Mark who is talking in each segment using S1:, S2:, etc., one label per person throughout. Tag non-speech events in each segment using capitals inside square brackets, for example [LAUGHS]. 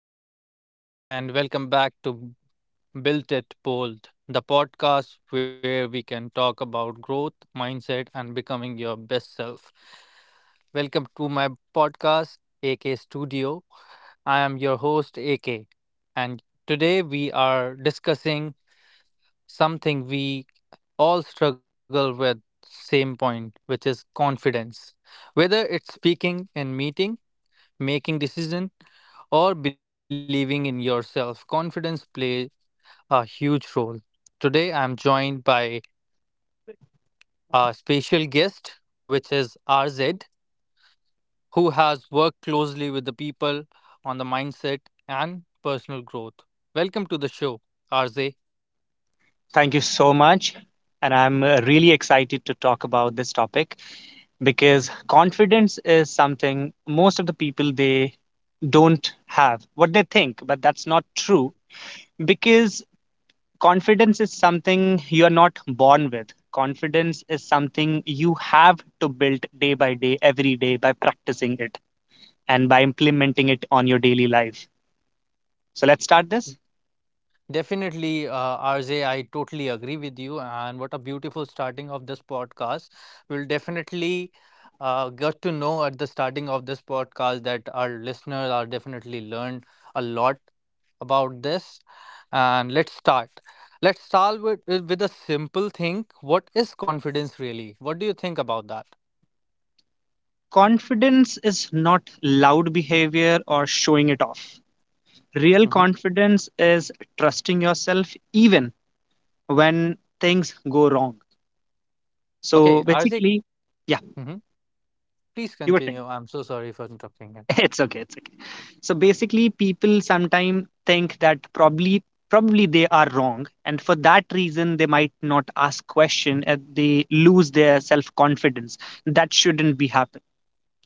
S1: everyone, and welcome back to Built It Bold, the podcast where we can talk about growth, mindset, and becoming your best self. Welcome to my podcast, AK Studio. I am your host, AK, and today we are discussing something we all struggle with, same point, which is confidence. Whether it's speaking in meeting, making decision, or believing in yourself, confidence plays a huge role. Today I'm joined by a special guest, which is RZ, who has worked closely with the people on the mindset and personal growth. Welcome to the show, RZ.
S2: Thank you so much. And I'm really excited to talk about this topic because confidence is something most of the people they don't have what they think, but that's not true because confidence is something you're not born with. Confidence is something you have to build day by day, every day by practicing it and by implementing it on your daily life. So let's start this.
S1: Definitely, RJ, I totally agree with you. And what a beautiful starting of this podcast. We'll definitely get to know at the starting of this podcast that our listeners are definitely learned a lot about this. And let's start. Let's start with a simple thing. What is confidence really? What do you think about that?
S2: Confidence is not loud behavior or showing it off. Real
S1: Hmm.
S2: confidence is trusting yourself even when things go wrong.
S1: Okay,
S2: So
S1: RJ.
S2: basically, yeah,
S1: Mhm. Please
S2: you were saying.
S1: continue. I'm so sorry for interrupting.
S2: [LAUGHS] It's okay, it's okay. So basically, people sometimes think that probably they are wrong, and for that reason, they might not ask question. And they lose their self confidence. That shouldn't be happen.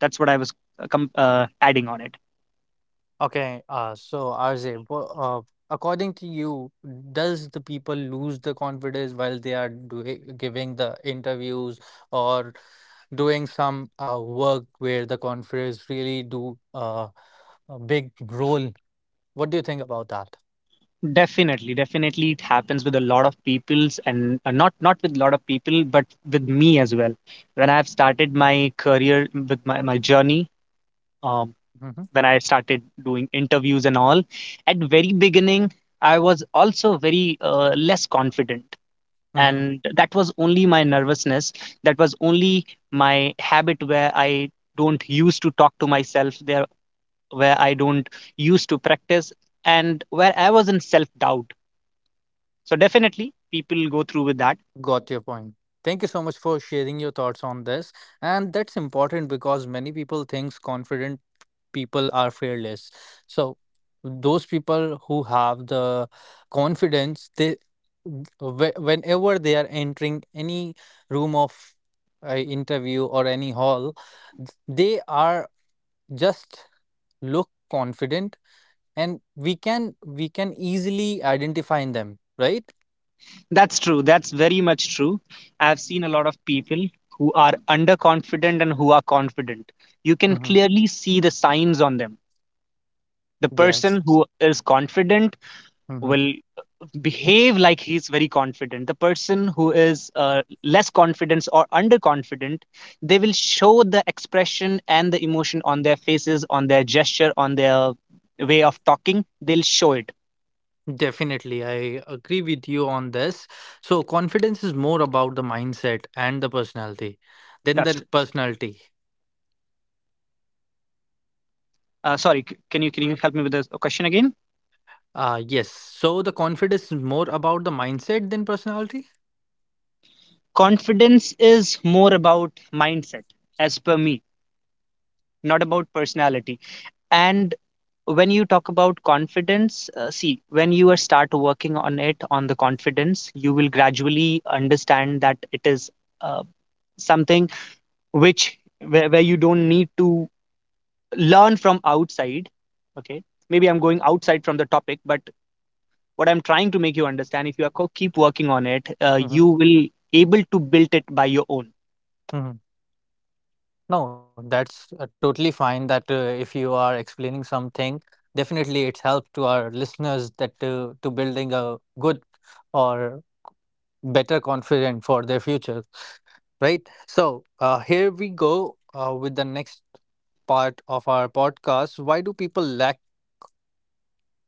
S2: That's what I was adding on it.
S1: Okay, so RJ, uh, according to you, does the people lose the confidence while they are doing giving the interviews or doing some work where the confidence really do a big role? What do you think about that?
S2: Definitely, definitely, it happens with a lot of peoples, and not with a lot of people, but with me as well. When I've started my career with my journey, um,
S1: Mm-hmm.
S2: when I started doing interviews and all, at very beginning, I was also very less confident,
S1: Mm-hmm.
S2: and that was only my nervousness. That was only my habit where I don't used to talk to myself there, where I don't used to practice, and where I was in self doubt, so definitely people go through with that.
S1: Got your point. Thank you so much for sharing your thoughts on this. And that's important because many people thinks confident people are fearless. So those people who have the confidence, they whenever they are entering any room of interview or any hall, they are just look confident, and we can easily identify in them, right?
S2: That's true. That's very much true. I've seen a lot of people who are underconfident and who are confident. You can
S1: Hmm.
S2: clearly see the signs on them. The person
S1: Yes.
S2: who is confident will behave like he's very confident. The person who is less confident or underconfident, they will show the expression and the emotion on their faces, on their gesture, on their way of talking. They'll show it.
S1: Definitely, I agree with you on this. So, confidence is more about the mindset and the personality than
S2: That's
S1: the personality.
S2: Sorry, can you help me with the question again?
S1: Yes. So, the confidence is more about the mindset than personality.
S2: Confidence is more about mindset, as per me, not about personality. And when you talk about confidence, see, when you are start working on it on the confidence, you will gradually understand that it is uh, something which where you don't need to learn from outside. Okay, maybe I'm going outside from the topic, but what I'm trying to make you understand, if you are keep working on it, you
S1: Mm-hmm.
S2: will able to build it by your own.
S1: Hmm. No, that's totally fine. That If you are explaining something, definitely it's helped to our listeners that to building a good or better confident for their future, right? So here we go with the next part of our podcast. Why do people lack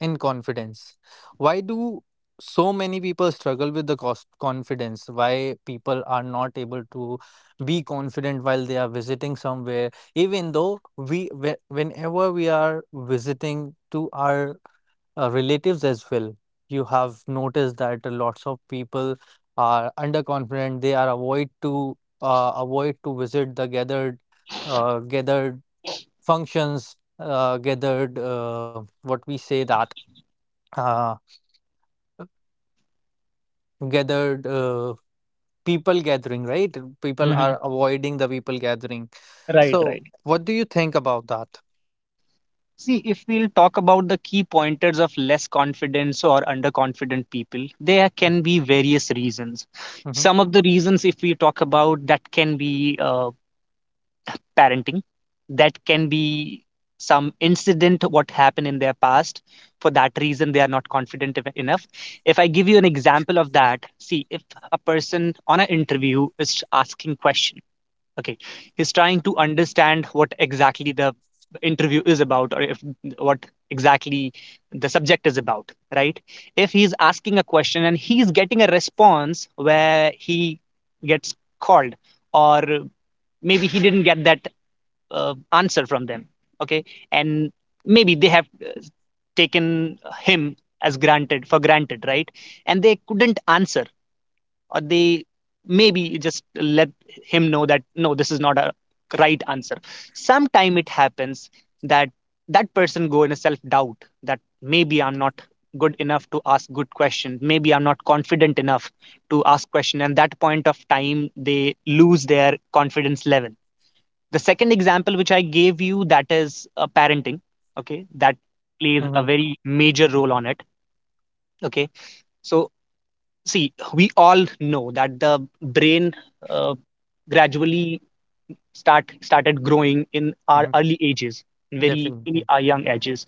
S1: in confidence? Why do so many people struggle with the cost confidence? Why people are not able to be confident while they are visiting somewhere, even though whenever we are visiting to our relatives as well. You have noticed that lots of people are underconfident. They are avoid to visit the gathered gathered functions, gathered what we say that uh, gathered people gathering, right? People are
S2: Hmm.
S1: avoiding the people gathering.
S2: Right,
S1: So,
S2: right.
S1: what do you think about that?
S2: See, if we'll talk about the key pointers of less confidence or underconfident people, there can be various reasons.
S1: Mm-hmm.
S2: Some of the reasons, if we talk about, that can be uh, parenting, that can be some incident what happened in their past. For that reason they are not confident enough. If I give you an example of that, see, if a person on an interview is asking question, okay, he's trying to understand what exactly the interview is about, or if what exactly the subject is about, right? If he's asking a question and he's getting a response where he gets called, or maybe he didn't get that answer from them, okay, and maybe they have taken him as granted for granted, right? And they couldn't answer, or they maybe just let him know that no, this is not a right answer. Sometime it happens that that person go in a self doubt, that maybe I'm not good enough to ask good question, maybe I'm not confident enough to ask question, and that point of time they lose their confidence level. The second example which I gave you, that is parenting. Okay, that plays a
S1: Mm-hmm.
S2: very major role on it. Okay, so see, we all know that the brain uh, gradually started growing in our
S1: Hmm.
S2: early ages, very in
S1: Definitely.
S2: our young ages,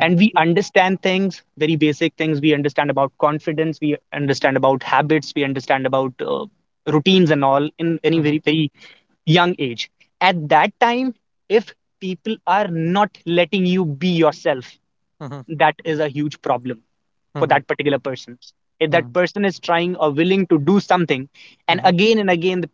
S2: and we understand things, very basic things. We understand about confidence, we understand about habits, we understand about routines and all, in any
S1: Mm-hmm.
S2: very very young age. At that time, if people are not letting you be yourself,
S1: Mm-hmm.
S2: that is a huge problem for
S1: Mm-hmm.
S2: that particular person. If that
S1: Mm-hmm.
S2: person is trying or willing to do something,
S1: Mm-hmm.
S2: and again, the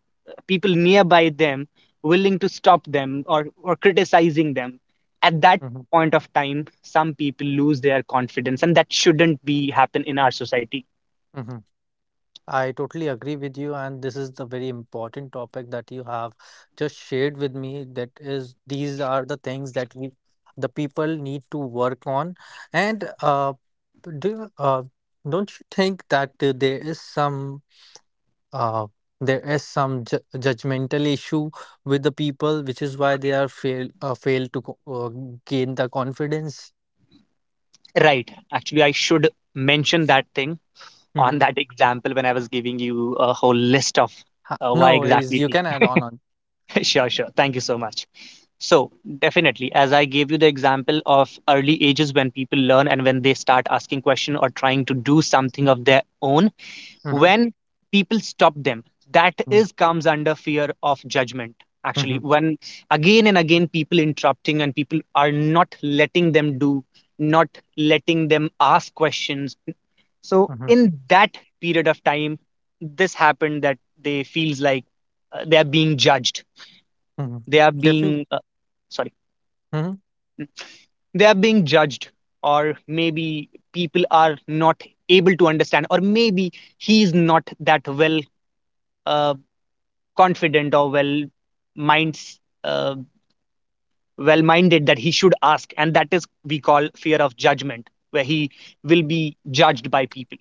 S2: people nearby them willing to stop them, or criticizing them, at that
S1: Mm-hmm.
S2: point of time, some people lose their confidence, and that shouldn't be happen in our society.
S1: Mm-hmm. I totally agree with you, and this is the very important topic that you have just shared with me. That is, these are the things that we, the people need to work on. And do you- uh, don't you think that uh, there is some ju judgmental issue with the people, which is why they are fail to gain the confidence?
S2: Right. Actually, I should mention that thing on
S1: Mhm.
S2: that example when I was giving you a whole list of why
S1: No worries,
S2: exactly.
S1: you can add on.
S2: [LAUGHS] Sure, sure. Thank you so much. So, definitely, as I gave you the example of early ages, when people learn and when they start asking question or trying to do something of their own,
S1: Mm-hmm.
S2: when people stop them, that
S1: Mm-hmm.
S2: is comes under fear of judgment. Actually,
S1: Mm-hmm.
S2: when again and again people interrupting and people are not letting them do, not letting them ask questions, so
S1: Mm-hmm.
S2: in that period of time this happened, that they feels like they are being judged,
S1: Mm-hmm.
S2: they are
S1: Definitely.
S2: being uh, sorry
S1: Mm-hmm.
S2: they are being judged, or maybe people are not able to understand, or maybe he is not that well uh, confident, or minds uh, well minded that he should ask. And that is we call fear of judgment, where he will be judged by people.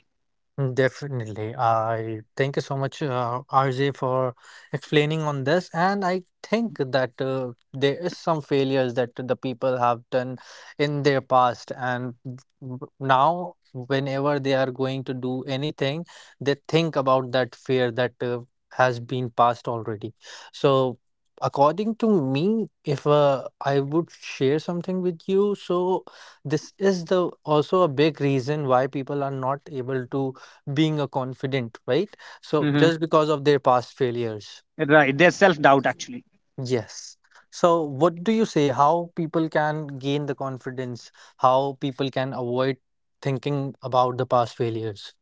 S1: Mm. Definitely. I thank you so much, RJ, for explaining on this. And I think that there is some failures that the people have done in their past, and now whenever they are going to do anything, they think about that fear that has been passed already. So, according to me, if I would share something with you, so this is the also a big reason why people are not able to being a confident, right? So
S2: Mm-hmm.
S1: just because of their past failures.
S2: Right. There's self doubt actually.
S1: Yes. So what do you say? How people can gain the confidence? How people can avoid thinking about the past failures?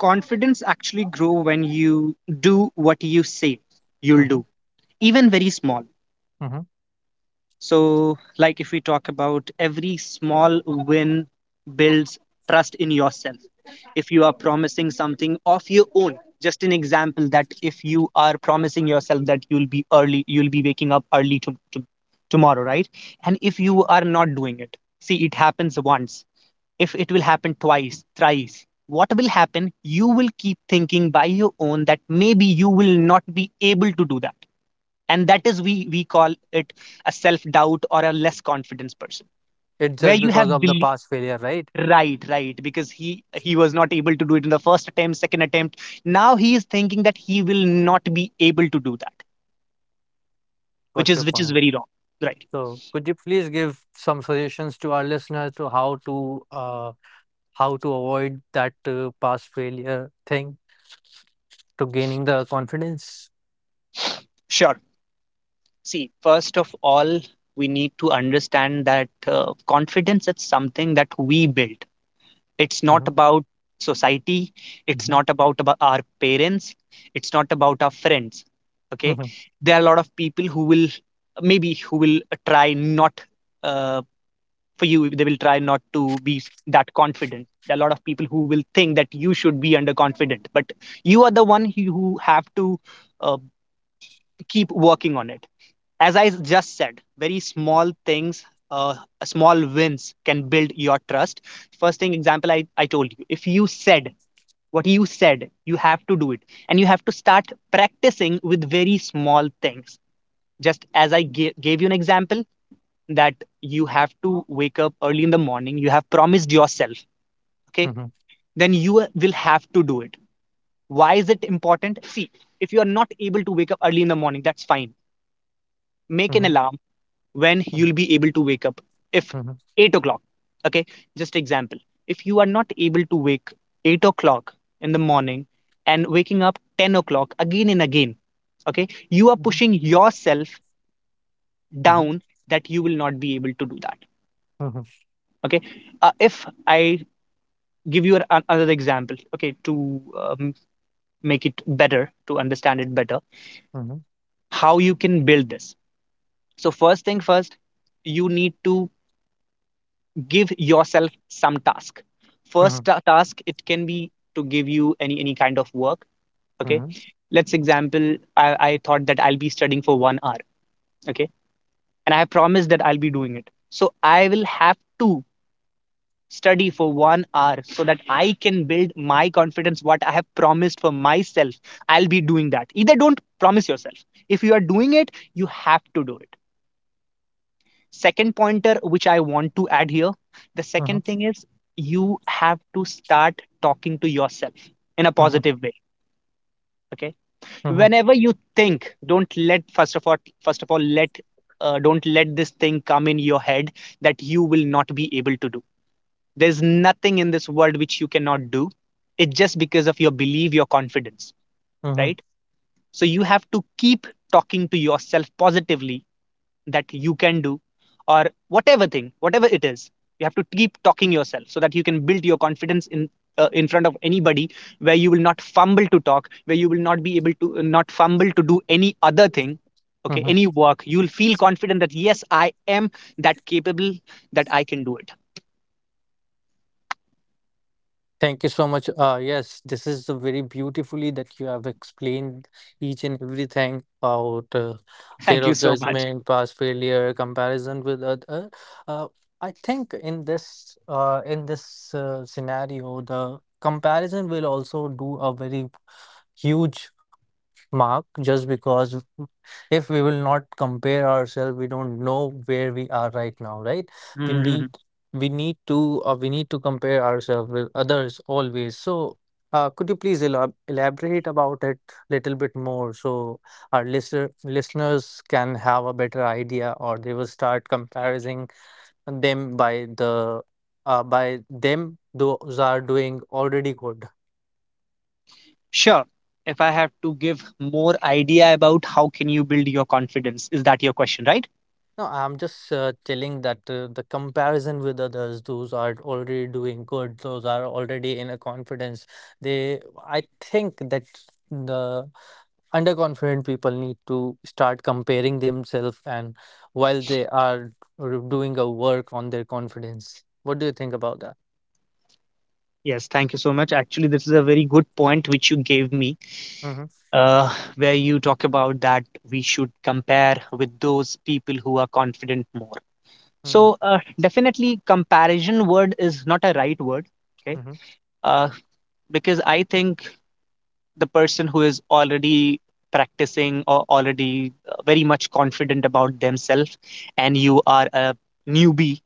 S2: Confidence actually grow when you do what you say you'll
S1: Mm-hmm.
S2: do, even very small.
S1: Mm-hmm.
S2: So, like if we talk about, every small win builds trust in yourself. If you are promising something of your own, just an example, that if you are promising yourself that you'll be early, you'll be waking up early tomorrow, right? And if you are not doing it, see, it happens once. If it will happen twice, thrice, what will happen? You will keep thinking by your own that maybe you will not be able to do that, and that is we call it a self doubt or a less confidence person,
S1: It's
S2: where
S1: just
S2: you
S1: because
S2: have
S1: of the
S2: belief.
S1: past failure, right?
S2: Right, right, because he was not able to do it in the first attempt, second attempt, now he is thinking that he will not be able to do that, which
S1: Got your
S2: is which is
S1: point.
S2: very wrong, right?
S1: So could you please give some suggestions to our listeners to how to avoid that past failure thing to gaining the confidence?
S2: Sure. See, first of all, we need to understand that confidence is something that we build. It's not
S1: Mm-hmm.
S2: about society. It's
S1: Mm-hmm.
S2: not about our parents. It's not about our friends. Okay.
S1: Mm-hmm.
S2: There are a lot of people who will, maybe who will try not, uh, for you. They will try not to be that confident. There are a lot of people who will think that you should be underconfident, but you are the one who have to, uh, keep working on it. As I just said, very small things, small wins can build your trust. First thing, example, I told you, if you said what you said, you have to do it. And you have to start practicing with very small things. Just as I gave you an example, that you have to wake up early in the morning, you have promised yourself, okay,
S1: Mm-hmm.
S2: then you will have to do it. Why is it important? See, if you are not able to wake up early in the morning, that's fine. Make an
S1: Mm-hmm.
S2: alarm when you'll be able to wake up, if
S1: Mhm.
S2: 8 o'clock, okay, just example. If you are not able to wake 8 o'clock in the morning, and waking up 10 o'clock again and again, okay, you are
S1: Mhm.
S2: pushing yourself
S1: Mhm.
S2: down, that you will not be able to do that.
S1: Mhm.
S2: Okay, if I give you another example, okay, to um, make it better, to understand it better,
S1: Mhm.
S2: how you can build this. So first thing first, you need to give yourself some task.
S1: Mhm.
S2: First task, it can be to give you any kind of work, okay,
S1: Mhm.
S2: let's example, I thought that I'll be studying for 1 hour, okay, and I have promised that I'll be doing it, so I will have to study for 1 hour so that I can build my confidence. What I have promised for myself, I'll be doing that. Either don't promise yourself, if you are doing it, you have to do it. Second pointer which I want to add here, the
S1: Mhm.
S2: second thing is, you have to start talking to yourself in a
S1: Mhm.
S2: positive way. Okay,
S1: Mhm.
S2: whenever you think, don't let, first of all, let, don't let this thing come in your head, that you will not be able to do. There's nothing in this world which you cannot do. It's just because of your belief, your confidence,
S1: Mhm.
S2: right? So you have to keep talking to yourself positively, that you can do, or whatever thing, whatever it is, you have to keep talking yourself, so that you can build your confidence in, in front of anybody, where you will not fumble to talk, where you will not be able to, not fumble to do any other thing. Okay,
S1: Mhm.
S2: any work, you will feel confident that yes I am that capable. That I can do it.
S1: Thank you so much. Yes, this is a very beautifully that you have explained each and everything about
S2: [LAUGHS]
S1: fear
S2: Thank you
S1: of
S2: so much.
S1: judgment, past failure, comparison with other. Uh, I think in this scenario, the comparison will also do a very huge mark just because if we will not compare ourselves, we don't know where we are right now, right? we need
S2: Mhm.
S1: we need to compare ourselves with others always. So could you please elaborate about it little bit more, so our listeners can have a better idea, or they will start comparing them by them, those are doing already good.
S2: Sure, if I have to give more idea about how can you build your confidence, is that your question, right?
S1: No, I'm just telling that the comparison with others, those are already doing good, those are already in a confidence. They, I think that the underconfident people need to start comparing themselves, and while they are doing a work on their confidence. What do you think about that?
S2: Yes, thank you so much. Actually, this is a very good point which you gave me,
S1: Mm-hmm.
S2: where you talk about that we should compare with those people who are confident more. So
S1: Mm-hmm.
S2: definitely, comparison word is not a right word, okay?
S1: Mm-hmm.
S2: Uh, because I think the person who is already practicing or already very much confident about themselves, and you are a newbie,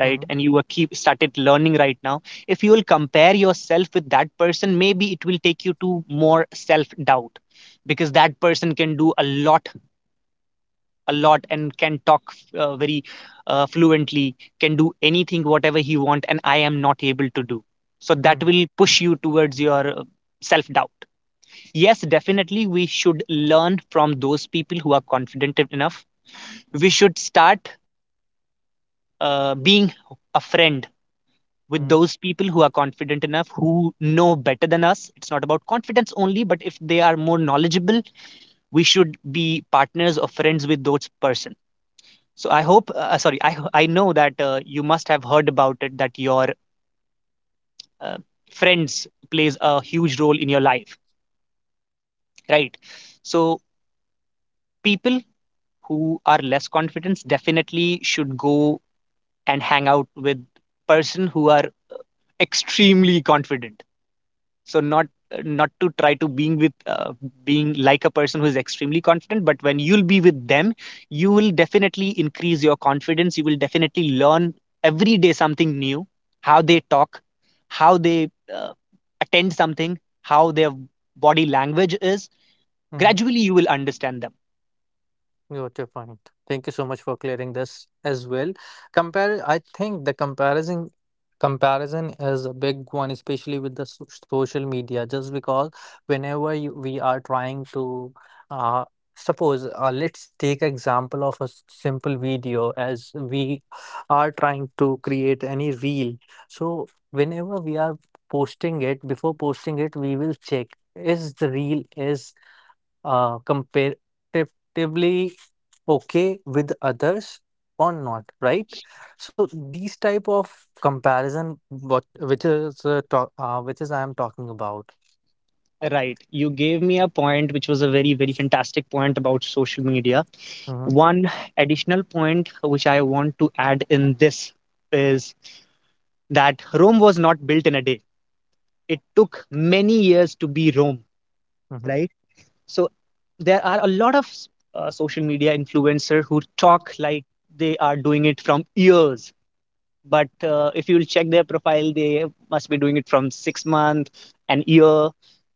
S2: right?
S1: Mm-hmm.
S2: And you are keep started learning right now. If you will compare yourself with that person, maybe it will take you to more self doubt, because that person can do a lot and can talk very fluently, can do anything whatever he want, and I am not able to do, so that will push you towards your self doubt. Yes, definitely we should learn from those people who are confident enough. We should start being a friend with
S1: Mm-hmm.
S2: those people who are confident enough, who know better than us. It's not about confidence only, but if they are more knowledgeable, we should be partners or friends with those person. So I hope, sorry, I know that you must have heard about it that your uh, friends plays a huge role in your life, right? So people who are less confident definitely should go and hang out with person who are extremely confident. So not to try to being with being like a person who is extremely confident, but when you'll be with them, you will definitely increase your confidence, you will definitely learn every day something new, how they talk, how they attend something, how their body language is.
S1: Mm-hmm.
S2: Gradually you will understand them.
S1: Got your point. Thank you so much for clearing this as well. I think the comparison is a big one, especially with the social media. Just because whenever we are trying to, uh, suppose, let's take example of a simple video, as we are trying to create any reel. So whenever we are posting it, before posting it, we will check, is the reel is comparatively okay with others or not, right? So these type of comparison what which is talk, which is I am talking about.
S2: Right, you gave me a point which was a very very fantastic point about social media.
S1: Hmm.
S2: One additional point which I want to add in this is that Rome was not built in a day. It took many years to be Rome,
S1: Hmm.
S2: right? So there are a lot of social media influencers who talk like they are doing it from years. But if you will check their profile, they must be doing it from 6 months, an year,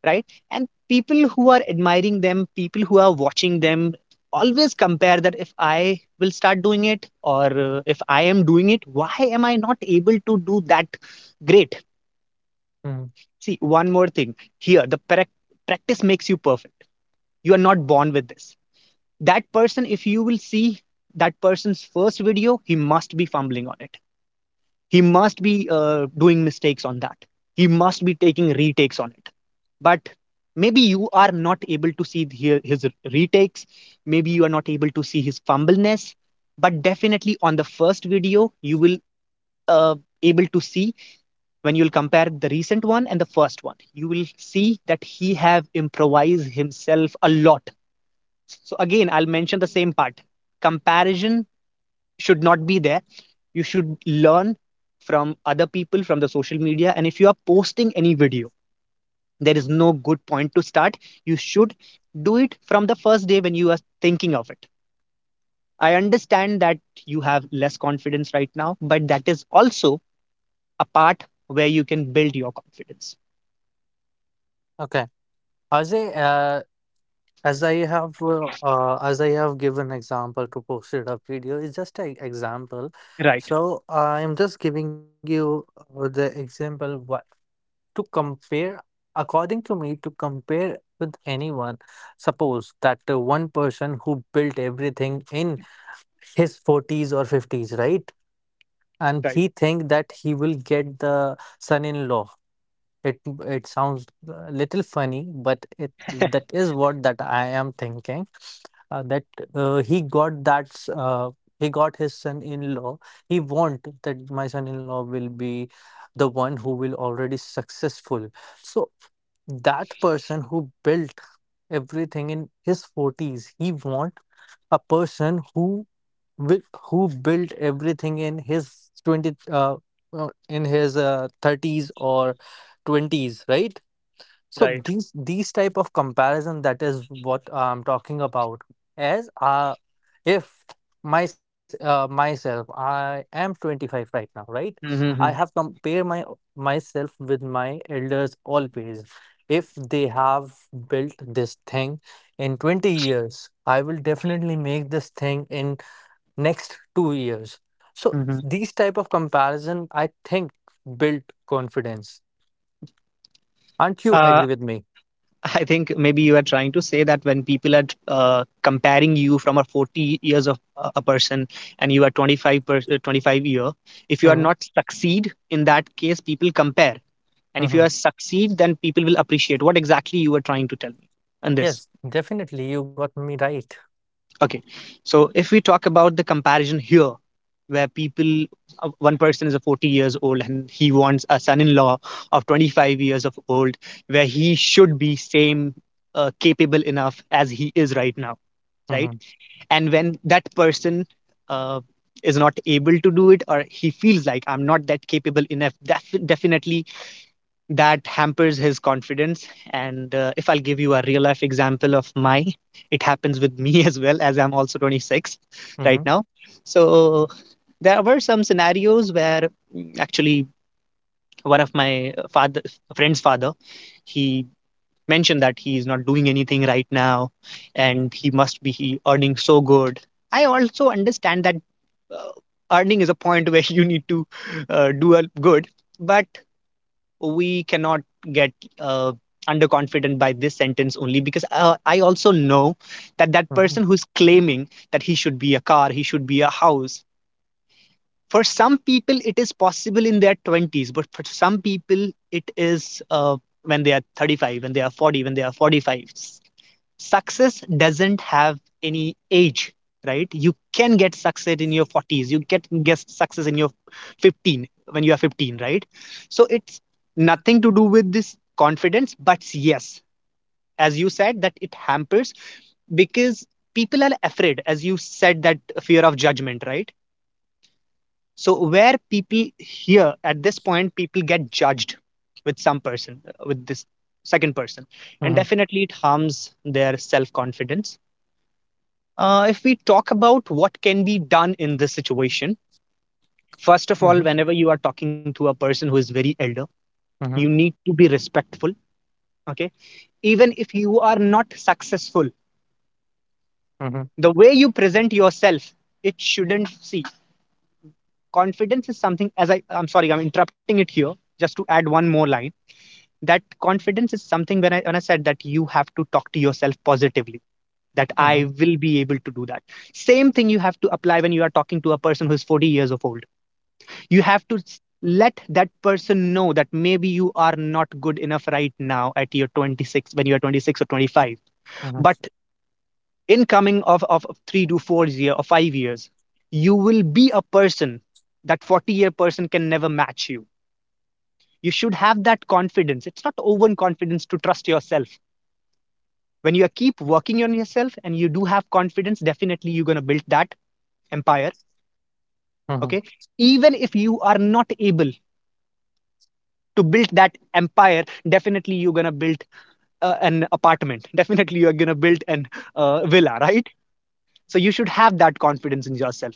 S2: right? And people who are admiring them, people who are watching them, always compare that if I will start doing it, or if I am doing it, why am I not able to do that great?
S1: Hmm.
S2: See, one more thing here, the practice makes you perfect. You are not born with this. That person, if you will see that person's first video, he must be fumbling on it. He must be doing mistakes on that. He must be taking retakes on it. But maybe you are not able to see the- his retakes. Maybe you are not able to see his fumbleness. But definitely on the first video, you will uh, able to see when you'll compare the recent one and the first one, you will see that he have improvised himself a lot. So again I'll mention the same part, comparison should not be there. You should learn from other people, from the social media, and if you are posting any video, there is no good point to start. You should do it from the first day when you are thinking of it. I understand that you have less confidence right now, but that is also a part where you can build your confidence.
S1: Okay, Ajay, as I have given example to posted a video, it's just an example.
S2: Right.
S1: So I am just giving you the example. Why to compare, according to me, to compare with anyone, suppose that one person who built everything in his 40s or 50s, right? And he
S2: Right.
S1: think that he will get the son-in-law. It it sounds a little funny, but it that is what that I am thinking. That he got that s- he got his son-in-law. He want that my son-in-law will be the one who will already successful. So that person who built everything in his 40s, he want a person who will who built everything in his 20 in his 30s or 20s, right? So
S2: Right.
S1: these type of comparison, that is what I'm talking about. As if myself, I am 25 right now, right? I have
S2: Mm-hmm.
S1: compare my myself with my elders always. If they have built this thing in 20 years, I will definitely make this thing in next 2 years. So
S2: Mm-hmm.
S1: these type of comparison, I think, build confidence. Aren't you
S2: Uh,
S1: agree with me?
S2: I think maybe you are trying to say that when people are comparing you from a 40 years of a person, and you are 25-year, if you are
S1: Mhm.
S2: not succeed, in that case people compare, and if you are
S1: Mhm.
S2: succeed, then people will appreciate. What exactly you were trying to tell me on this?
S1: Yes, definitely, you got me right.
S2: Okay. So if we talk about the comparison here, where people, one person is a 40 years old and he wants a son-in-law of 25 years of old, where he should be same capable enough as he is right now, right?
S1: Mhm.
S2: And when that person uh, is not able to do it, or he feels like I'm not that capable enough, definitely that hampers his confidence. And if I'll give you a real life example of my, it happens with me [LAUGHS] as well, as I'm also 26 right
S1: Mhm.
S2: now. So there were some scenarios where actually one of my father friend's father, he mentioned that he is not doing anything right now and he must be he earning so good. I also understand that uh, earning is a point where [LAUGHS] you need to do a good, but we cannot get uh, underconfident by this sentence only, because I also know that that
S1: Mhm.
S2: person who's claiming that he should be a car, he should be a house, for some people it is possible in their 20s, but for some people it is when they are 35, when they are 40, when they are 45. Success doesn't have any age, right? You can get success in your 40s, you can get success in your 15, when you are 15, right? So it's nothing to do with this confidence, but yes, as you said that it hampers, because people are afraid, as you said, that fear of judgment, right? So where people here, at this point, people get judged with some person, with this second person, and
S1: Mhm.
S2: definitely it harms their self confidence. If we talk about what can be done in this situation, first of all,
S1: Mhm.
S2: whenever you are talking to a person who is very elder, you
S1: Mhm.
S2: need to be respectful. Okay. Even if you are not successful,
S1: Mhm.
S2: the way you present yourself, it shouldn't see. Confidence is something, as I'm sorry, I'm interrupting it here just to add one more line. That confidence is something when when I said that you have to talk to yourself positively, that I
S1: Mhm.
S2: will be able to do that. Same thing you have to apply when you are talking to a person who's 40 years of old. You have to let that person know that maybe you are not good enough right now at your 26, when you are 26 or 25,
S1: Mhm.
S2: but in coming of 3 to 4 year or 5 years, you will be a person that 40-year person can never match you. You should have that confidence. It's not overconfidence to trust yourself. When you keep working on yourself and you do have confidence, definitely you're going to build that empire.
S1: Mhm.
S2: Okay. Even if you are not able to build that empire, definitely you're going to build an apartment. [LAUGHS] Definitely you're gonna build an villa, right? So you should have that confidence in yourself.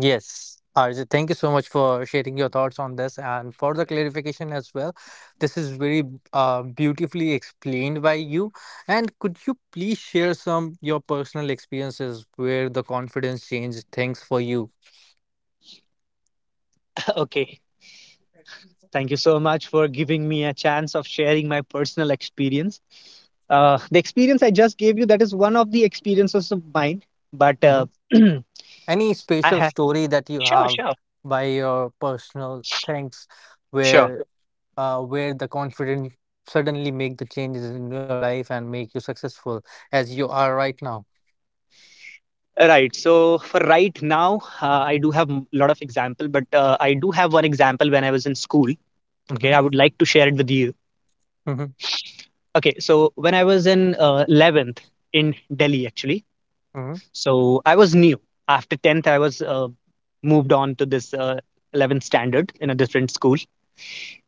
S1: Yes, Arjit, thank you so much for sharing your thoughts on this and for the clarification as well. This is very beautifully explained by you. And could you please share some your personal experiences where the confidence changed things for you?
S2: [LAUGHS] Okay, thank you so much for giving me a chance of sharing my personal experience. The experience I just gave you, that is one of the experiences of mine, but
S1: Mm-hmm.
S2: [CLEARS THROAT]
S1: Any
S2: I
S1: special
S2: have,
S1: story that you
S2: sure,
S1: have
S2: sure,
S1: by your personal things
S2: sure.
S1: where where the confidence suddenly make the changes in your life and make you successful as you are right now.
S2: Right, so for right now, I do have a lot of example, but I do have one example when I was in school. Okay, I
S1: Mm-hmm.
S2: would like to share it with you.
S1: Mm-hmm.
S2: Okay, so when I was in 11th in Delhi, actually, so I was new. After 10th, I was moved on to this 11th standard in a different school.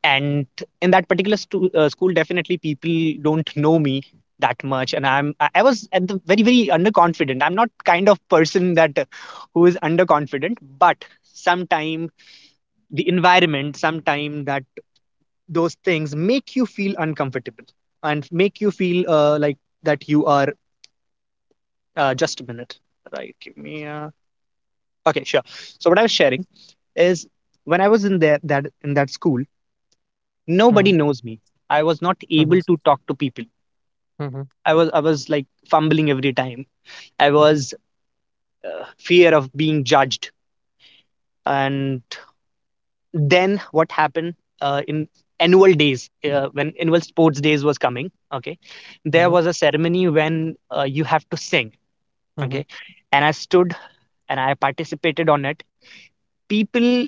S2: And in that particular school, definitely people don't know me that much. And I was at the very, very underconfident. I'm not kind of person that who is underconfident, but sometime the environment, sometime that those things make you feel uncomfortable and make you feel like that you are. Just a minute. Right. Give me a. Okay, sure. So what I was sharing is, when I was in there, that in that school,
S1: Mm-hmm.
S2: nobody knows me. I was not
S1: Mm-hmm.
S2: able to talk to people.
S1: Mm-hmm.
S2: I was like fumbling every time. I was fear of being judged. And then what happened, in annual days, when annual sports days was coming, okay, there
S1: Mm-hmm. Mm-hmm.
S2: was a ceremony when you have to sing, okay,
S1: Mm-hmm.
S2: and I stood and I participated on it. People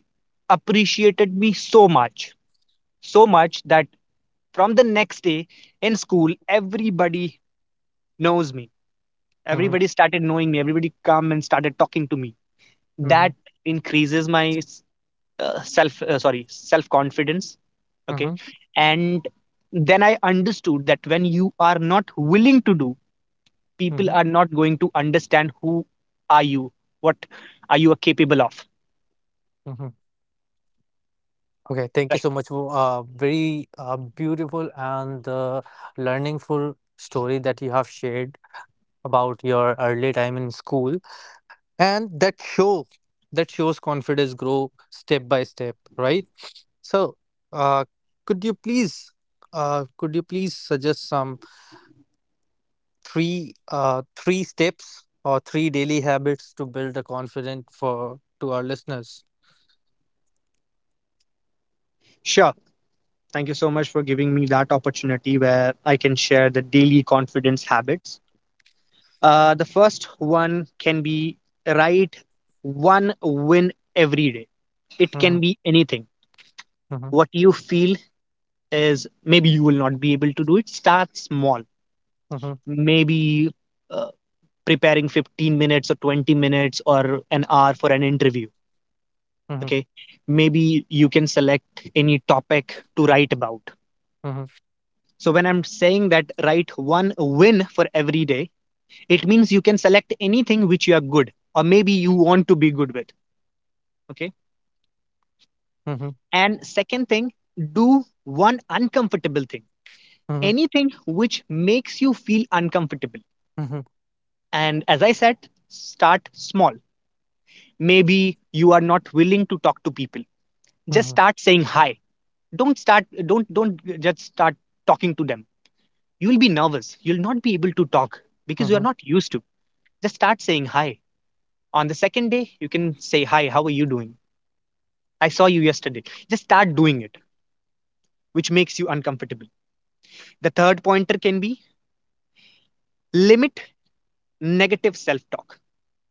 S2: appreciated me so much, so much that from the next day in school, everybody knows me.
S1: Mm-hmm.
S2: Everybody started knowing me. Everybody come and started talking to me.
S1: Mm-hmm.
S2: That increases my sorry, self confidence. Okay,
S1: Mm-hmm.
S2: and then I understood that when you are not willing to do, people
S1: Mm-hmm.
S2: are not going to understand who are you, what are you are capable of.
S1: Mm-hmm. Okay, thank you
S2: Right?
S1: so much for a very beautiful and learningful story that you have shared about your early time in school. And that shows confidence grow step by step, right? So uh, could you please could you please suggest some three steps or three daily habits to build a confidence for to our listeners.
S2: Sure. Thank you so much for giving me that opportunity where I can share the daily confidence habits. The first one can be write one win every day. It can
S1: Mhm.
S2: be anything.
S1: Mhm.
S2: What you feel is maybe you will not be able to do it. Start small.
S1: Mhm.
S2: Maybe uh, preparing 15 minutes or 20 minutes or an hour for an interview.
S1: Mhm.
S2: Okay. Maybe you can select any topic to write about.
S1: Mhm.
S2: So when I'm saying that write one win for every day, it means you can select anything which you are good or maybe you want to be good with. Okay.
S1: Mhm.
S2: And second thing, do one uncomfortable thing,
S1: Mhm.
S2: anything which makes you feel uncomfortable.
S1: Mhm.
S2: And as I said, start small. Maybe you are not willing to talk to people. Just
S1: Mhm.
S2: start saying hi. Don't just start talking to them. You'll be nervous. You'll not be able to talk because you
S1: Mhm.
S2: are not used to. Just start saying hi. On the second day you can say hi, how are you doing, I saw you yesterday. Just start doing it which makes you uncomfortable. The third pointer can be limit negative self talk.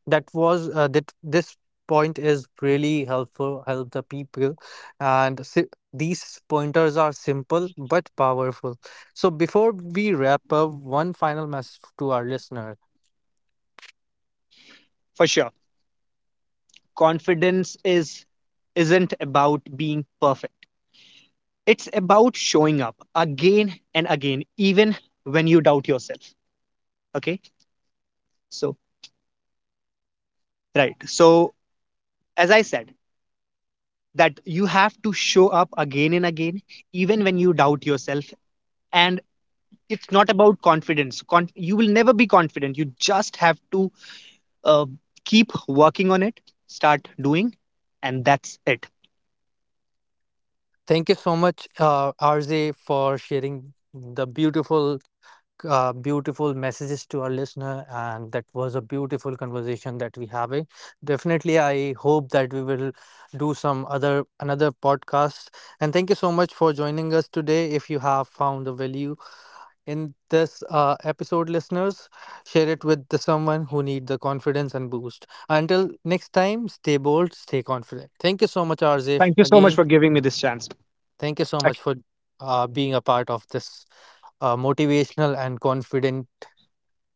S1: That was that this point is really helpful, help the people, and si these pointers are simple but powerful. So before we wrap up, one final message to our listener.
S2: For sure, confidence is isn't about being perfect. It's about showing up again and again, even when you doubt yourself. Okay, so right, so as I said, that you have to show up again and again, even when you doubt yourself. And it's not about confidence. You will never be confident. You just have to uh, keep working on it. Start doing, and that's it.
S1: Thank you so much, RJ, for sharing the beautiful messages to our listener, and that was a beautiful conversation that we having. Definitely, I hope that we will do some other another podcast. And thank you so much for joining us today. If you have found the value in this episode, listeners, share it with the someone who need the confidence and boost. Until next time, stay bold, stay confident. Thank you so much, Arzif.
S2: Thank you so much
S1: Again,
S2: for giving me this chance.
S1: thank you so much for being a part of this motivational and confident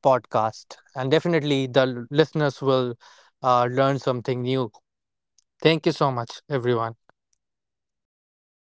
S1: podcast. And definitely the listeners will learn something new. Thank you so much, everyone.